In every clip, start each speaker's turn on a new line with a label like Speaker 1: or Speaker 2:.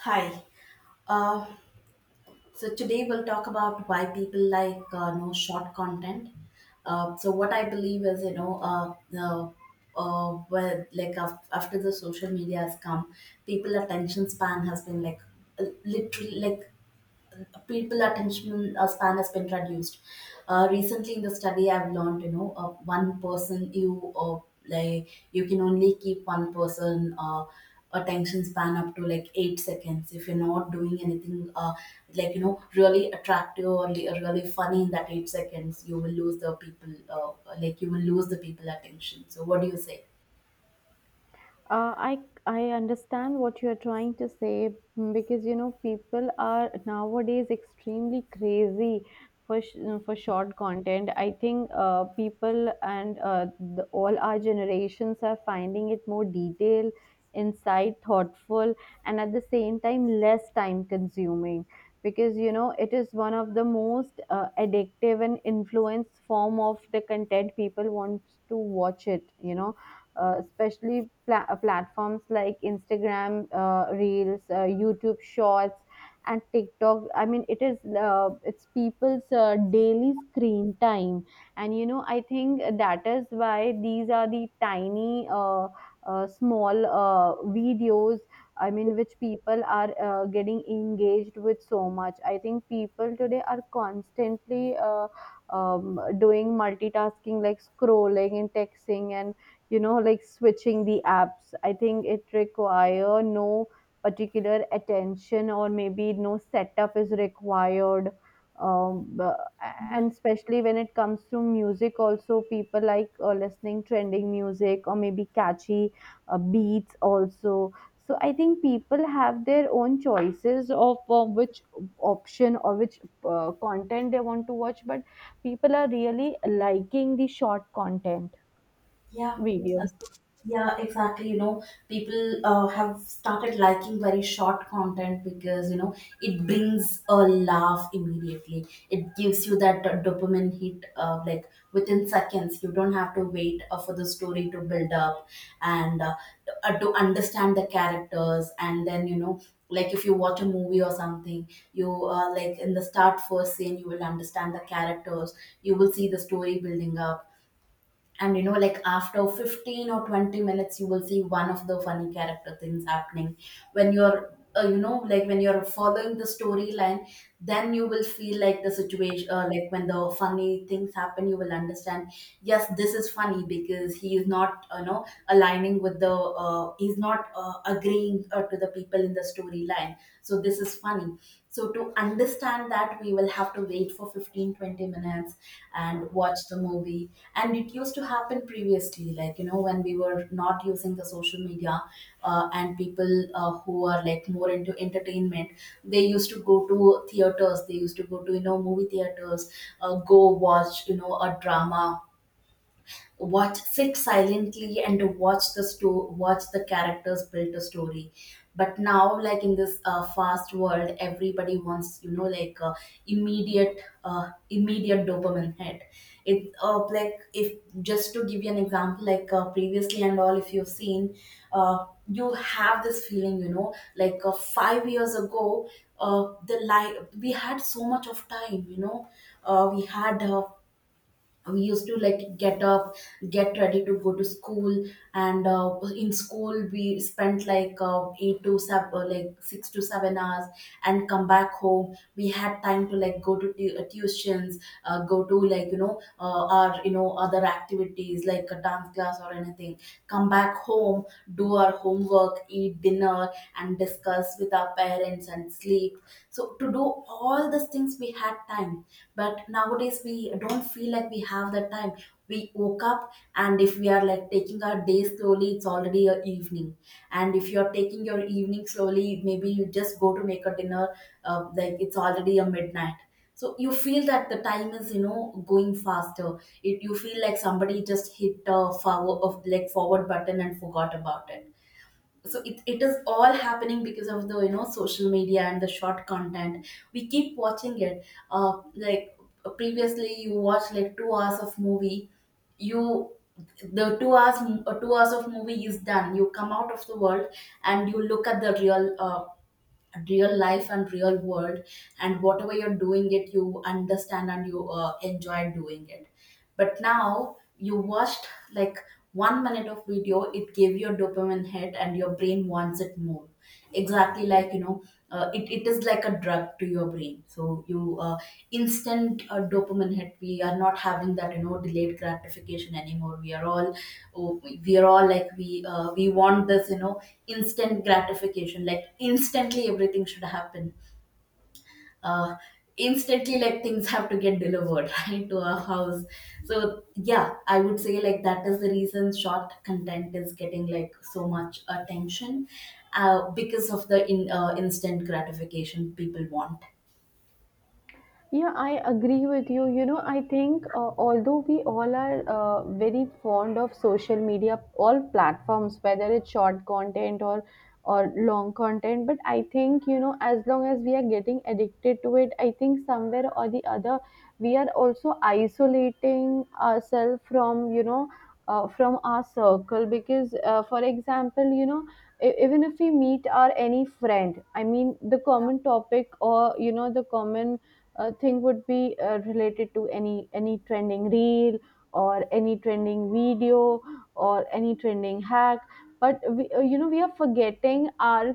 Speaker 1: Hi. Uh, so today we'll talk about why people like no short content. So what I believe is, you know, the well, like af- after the social media has come, people attention span has been like literally like people attention span has been reduced. Recently, in the study, I've learned you know one person you like you can only keep one person attention span up to like 8 seconds if you're not doing anything like you know really attractive or really funny. In that 8 seconds you will lose the people, you will lose the people attention. So what do you say?
Speaker 2: Uh, I I understand what you are trying to say, because you know people are nowadays extremely crazy for for short content. I think people and all our generations are finding it more detailed, insight, thoughtful, and at the same time less time consuming because you know it is one of the most addictive and influence form of the content people wants to watch it. You know, especially platforms like Instagram, Reels, YouTube Shorts, and TikTok. I mean, it's people's daily screen time, and you know, I think that is why these are the small videos. I mean, which people are getting engaged with so much. I think people today are constantly doing multitasking, like scrolling and texting and you know like switching the apps. I think it require no particular attention or maybe no setup is required. um, b- and especially when it comes to music also, people like listening trending music or maybe catchy beats also. So I think people have their own choices of which option or which content they want to watch, but people are really liking the short content
Speaker 1: Yeah. Uh,
Speaker 2: video.
Speaker 1: so- Yeah, exactly. You know, people have started liking very short content because, you know, it brings a laugh immediately. It gives you that dopamine hit, like within seconds. You don't have to wait for the story to build up and to understand the characters. And then, you know, like if you watch a movie or something, you, like in the start first scene, you will understand the characters, you will see the story building up. And you know, like after 15 or 20 minutes you will see one of the funny character things happening. When you're, you know, like when you're following the storyline, then you will feel like the situation, like when the funny things happen you will understand, yes, this is funny because he is not, you know, aligning with the, he's not agreeing to the people in the storyline. So this is funny. So to understand that, we will have to wait for 15, 20 minutes and watch the movie. And it used to happen previously, like, you know, when we were not using the social media. Uh, and people who are like more into entertainment, they used to go to theaters, they used to go to, you know, movie theaters, go watch, you know, a drama, watch, sit silently and watch the watch the characters build a story. But now, like in this fast world everybody wants, you know, like immediate dopamine hit. It like if Just to give you an example, like, previously and all, if you've seen, uh, you have this feeling, you know, like, 5 years ago, the life we had, so much of time, you know. uh, we had uh, we used to like get up, get ready to go to school, and in school we spent like, uh, 8 to 7 like 6 to 7 hours, and come back home. We had time to like go to tuitions, go to, like, you know, our, you know, other activities like a dance class or anything, come back home, do our homework, eat dinner, and discuss with our parents, and sleep. So to do all these things, we had time. But nowadays, we don't feel like we have the time. We woke up, and if we are like taking our day slowly, it's already a evening. And if you're taking your evening slowly, maybe you just go to make a dinner, like, it's already a midnight. So you feel that the time is, you know, going faster. You feel like somebody just hit a forward of, like, forward button and forgot about it. So it is all happening because of the, you know, social media and the short content we keep watching it. uh like Previously you watch like 2 hours of movie. You the two hours 2 hours of movie is done, you come out of the world and you look at the real life and real world, and whatever you're doing it, you understand and you enjoy doing it. But now you watched, like, 1 minute of video, it gave you a dopamine hit and your brain wants it more. Exactly, like, you know, it is like a drug to your brain. So you, instant dopamine hit, we are not having that, you know, delayed gratification anymore. We are all oh, we are all like we We want this, you know, instant gratification, like instantly everything should happen. Uh, instantly like things have to get delivered right to our house. So yeah, I would say like that is the reason short content is getting like so much attention, because of the instant gratification people want.
Speaker 2: Yeah, I agree with you. You know, I think although we all are very fond of social media, all platforms, whether it's short content or long content, but I think you know, as long as we are getting addicted to it, I think somewhere or the other, we are also isolating ourselves from you know. From our circle, because for example you know, even if we meet our any friend, I mean the common topic or you know the common thing would be related to any trending reel or any trending video or any trending hack, but you know we are forgetting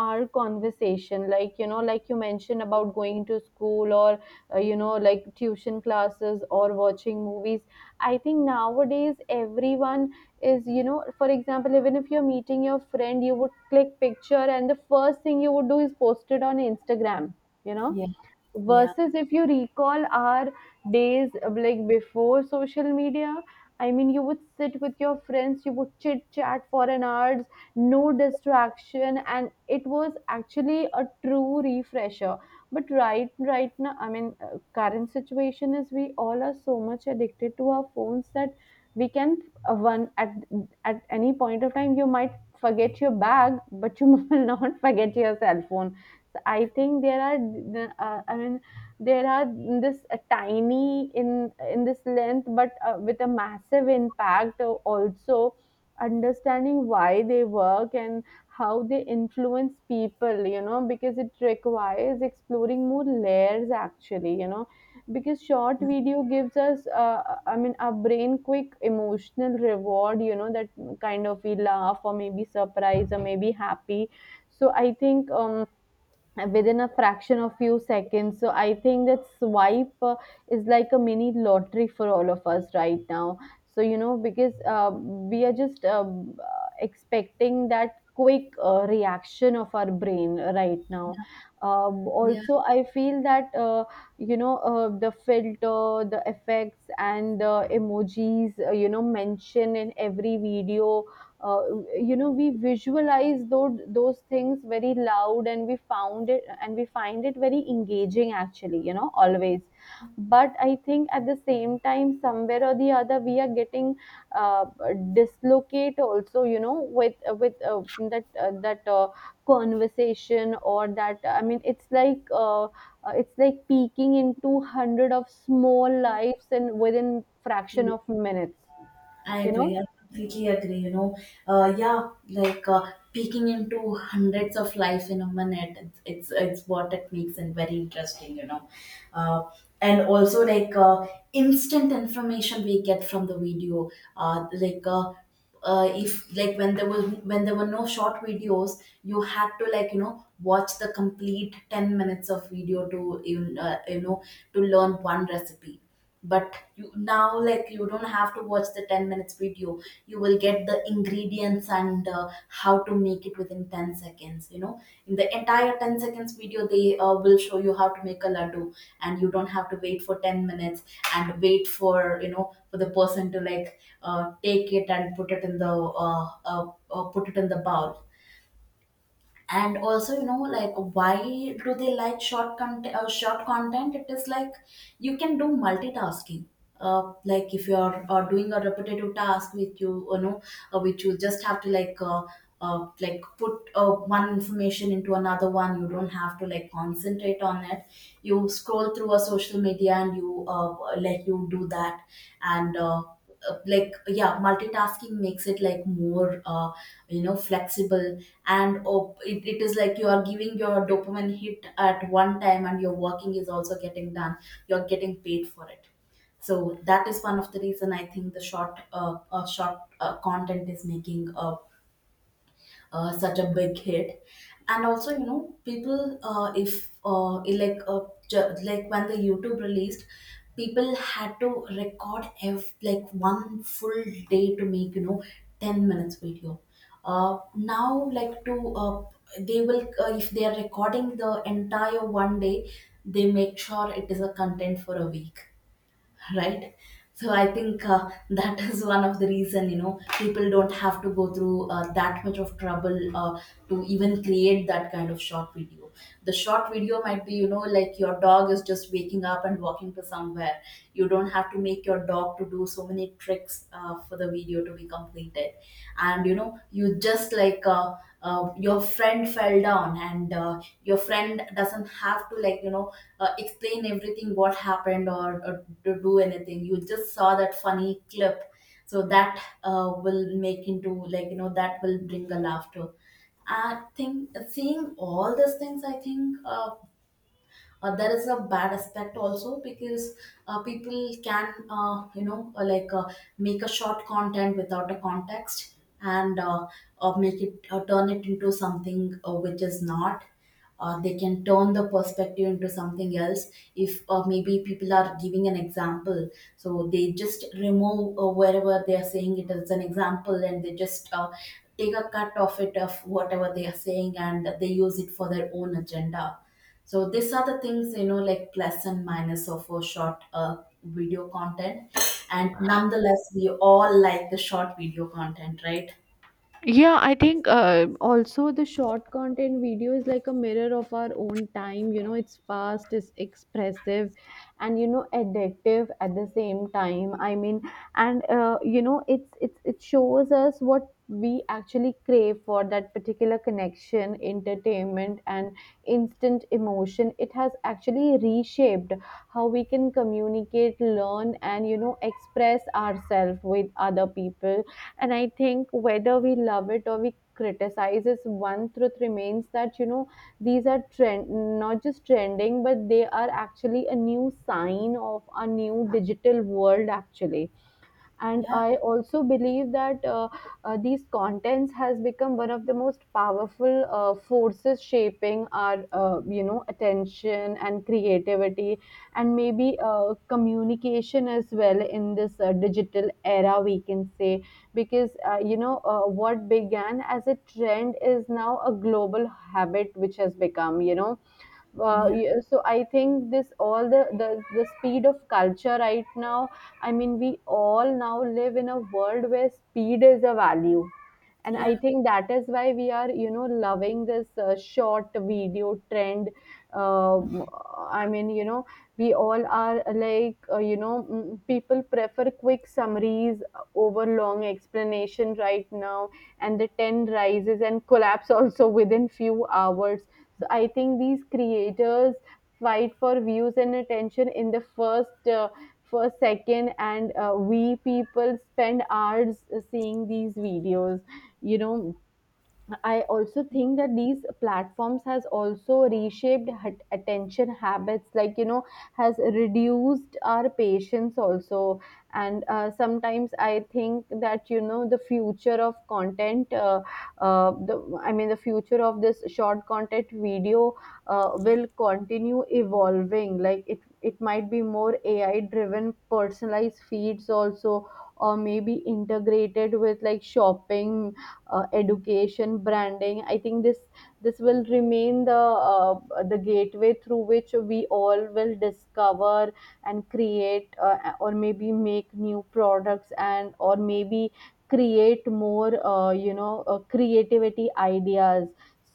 Speaker 2: our conversation, like you know like you mentioned about going to school or you know like tuition classes or watching movies. I think nowadays everyone is, you know, for example even if you're meeting your friend, you would click picture and the first thing you would do is post it on Instagram, you know,
Speaker 1: Yeah, yeah,
Speaker 2: versus if you recall our days, like before social media. I mean you would sit with your friends, you would chit chat for an hours, no distraction, and it was actually a true refresher. But right now I mean current situation is we all are so much addicted to our phones that we can one at any point of time you might forget your bag but you will not forget your cell phone. I think there are, I mean, there are this tiny in this length, but with a massive impact. Also, understanding why they work and how they influence people, you know, because it requires exploring more layers. Actually, you know, because short video gives us, I mean, our brain quick emotional reward. You know, that kind of we laugh or maybe surprise or maybe happy. So I think. Within a fraction of few seconds, so I think that swipe is like a mini lottery for all of us right now. So you know, because we are just expecting that quick reaction of our brain right now.
Speaker 1: yeah.
Speaker 2: Also I feel that you know, the filter, the effects, and the emojis, you know, mention in every video uh, you know we visualize those things very loud, and we found it and we find it very engaging actually, you know, always. But I think at the same time somewhere or the other we are getting uh, dislocate also, you know, with that conversation or that. I mean it's like peeking into hundred of small lives and within fraction of minutes,
Speaker 1: I
Speaker 2: you know.
Speaker 1: agree. I completely agree. You know, yeah, peeking into hundreds of life in a minute. It's what it makes and very interesting. You know, uh, and also instant information we get from the video. Uh, like uh, if, when there were no short videos, you had to, like, you know, watch the complete 10 minutes of video to you know, to learn one recipe. But you now like, you don't have to watch the 10 minutes video. You will get the ingredients and, how to make it within 10 seconds, you know. In the entire 10 seconds video they will show you how to make a laddu, and you don't have to wait for 10 minutes and wait for, you know, for the person to like, take it and put it in the put it in the bowl. And also, you know, like, why do they like short content? Uh, short content, it is like you can do multitasking. Uh, like if you are doing a repetitive task with you, you know, which you just have to like, put, one information into another one, you don't have to like concentrate on it. You scroll through a social media and you, like, you do that. And yeah, multitasking makes it like more, you know, flexible. It is like you are giving your dopamine hit at one time and your working is also getting done, you're getting paid for it. So that is one of the reason I think the short content is making a, such a big hit. And also, you know, people, if like ju- like when the youtube released, people had to record like one full day to make, you know, 10 minutes video. Now, like to they will, if they are recording the entire one day, they make sure it is a content for a week. Right? So I think, that is one of the reason, you know, people don't have to go through that much of trouble, to even create that kind of short video. The short video might be, you know, like your dog is just waking up and walking to somewhere. You don't have to make your dog to do so many tricks, for the video to be completed. And, you know, you just like, your friend fell down and, your friend doesn't have to, like, you know, explain everything what happened, or to do anything. You just saw that funny clip. So that will make into, like, you know, that will bring a laughter. I think seeing all these things, I think, there is a bad aspect also because, people can, make a short content without a context and, make it, turn it into something, which is not, they can turn the perspective into something else. If, maybe people are giving an example, so they just remove, wherever they are saying it as an example, and they just, take a cut of it of whatever they are saying, and they use it for their own agenda. So these are the things, you know, like plus and minus of a short, video content, and nonetheless, we all like the short video content, right?
Speaker 2: Yeah, I think also the short content video is like a mirror of our own time. You know, it's fast, it's expressive, and you know, addictive at the same time. I mean, and you know, it's it shows us what we actually crave for that particular connection, entertainment, and instant emotion. It has actually reshaped how we can communicate, learn, and you know, express ourselves with other people, and I think whether we love it or we criticize it, one truth remains that, you know, these are trend, not just trending, but they are actually a new sign of a new digital world actually. And
Speaker 1: Yeah,
Speaker 2: I also believe that these contents has become one of the most powerful forces shaping our you know attention and creativity, and maybe communication as well in this digital era, we can say, because you know, what began as a trend is now a global habit, which has become you know,
Speaker 1: yeah,
Speaker 2: yeah, so I think this all the, the speed of culture right now. I mean we all now live in a world where speed is a value, and I
Speaker 1: yeah.
Speaker 2: think that is why we are you know loving this short video trend. Um I mean, you know, we all are like you know, people prefer quick summaries over long explanation right now, and the trend rises and collapse also within few hours. So I think these creators fight for views and attention in the first second, and we, people spend hours seeing these videos, you know. I also think that these platforms has also reshaped attention habits, like you know, has reduced our patience also. And sometimes I think that you know the future of content the I mean the future of this short content video will continue evolving. Like it might be more AI driven personalized feeds also, or maybe integrated with like shopping, education, branding. I think this this will remain uh, the gateway through which we all will discover and create, or maybe make new products, and or maybe create more you know creativity ideas.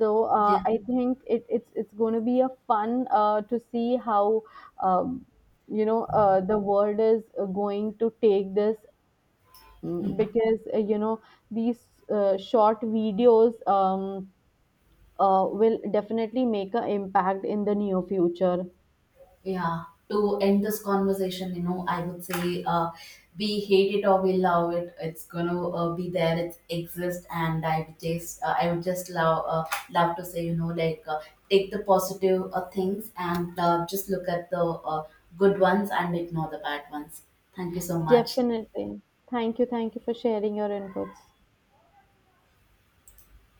Speaker 2: So
Speaker 1: Yeah.
Speaker 2: I think it's going to be a fun to see how um, you know the world is going to take this. Mm, because you know these short videos will definitely make an impact in the near future.
Speaker 1: Yeah, to end this conversation, you know, I would say, we hate it or we love it, it's gonna be there. It exists, and I would just love love to say, you know, take the positive things and just look at the good ones and ignore the bad ones. Thank you so much.
Speaker 2: Definitely. Thank you. Thank you for sharing your inputs.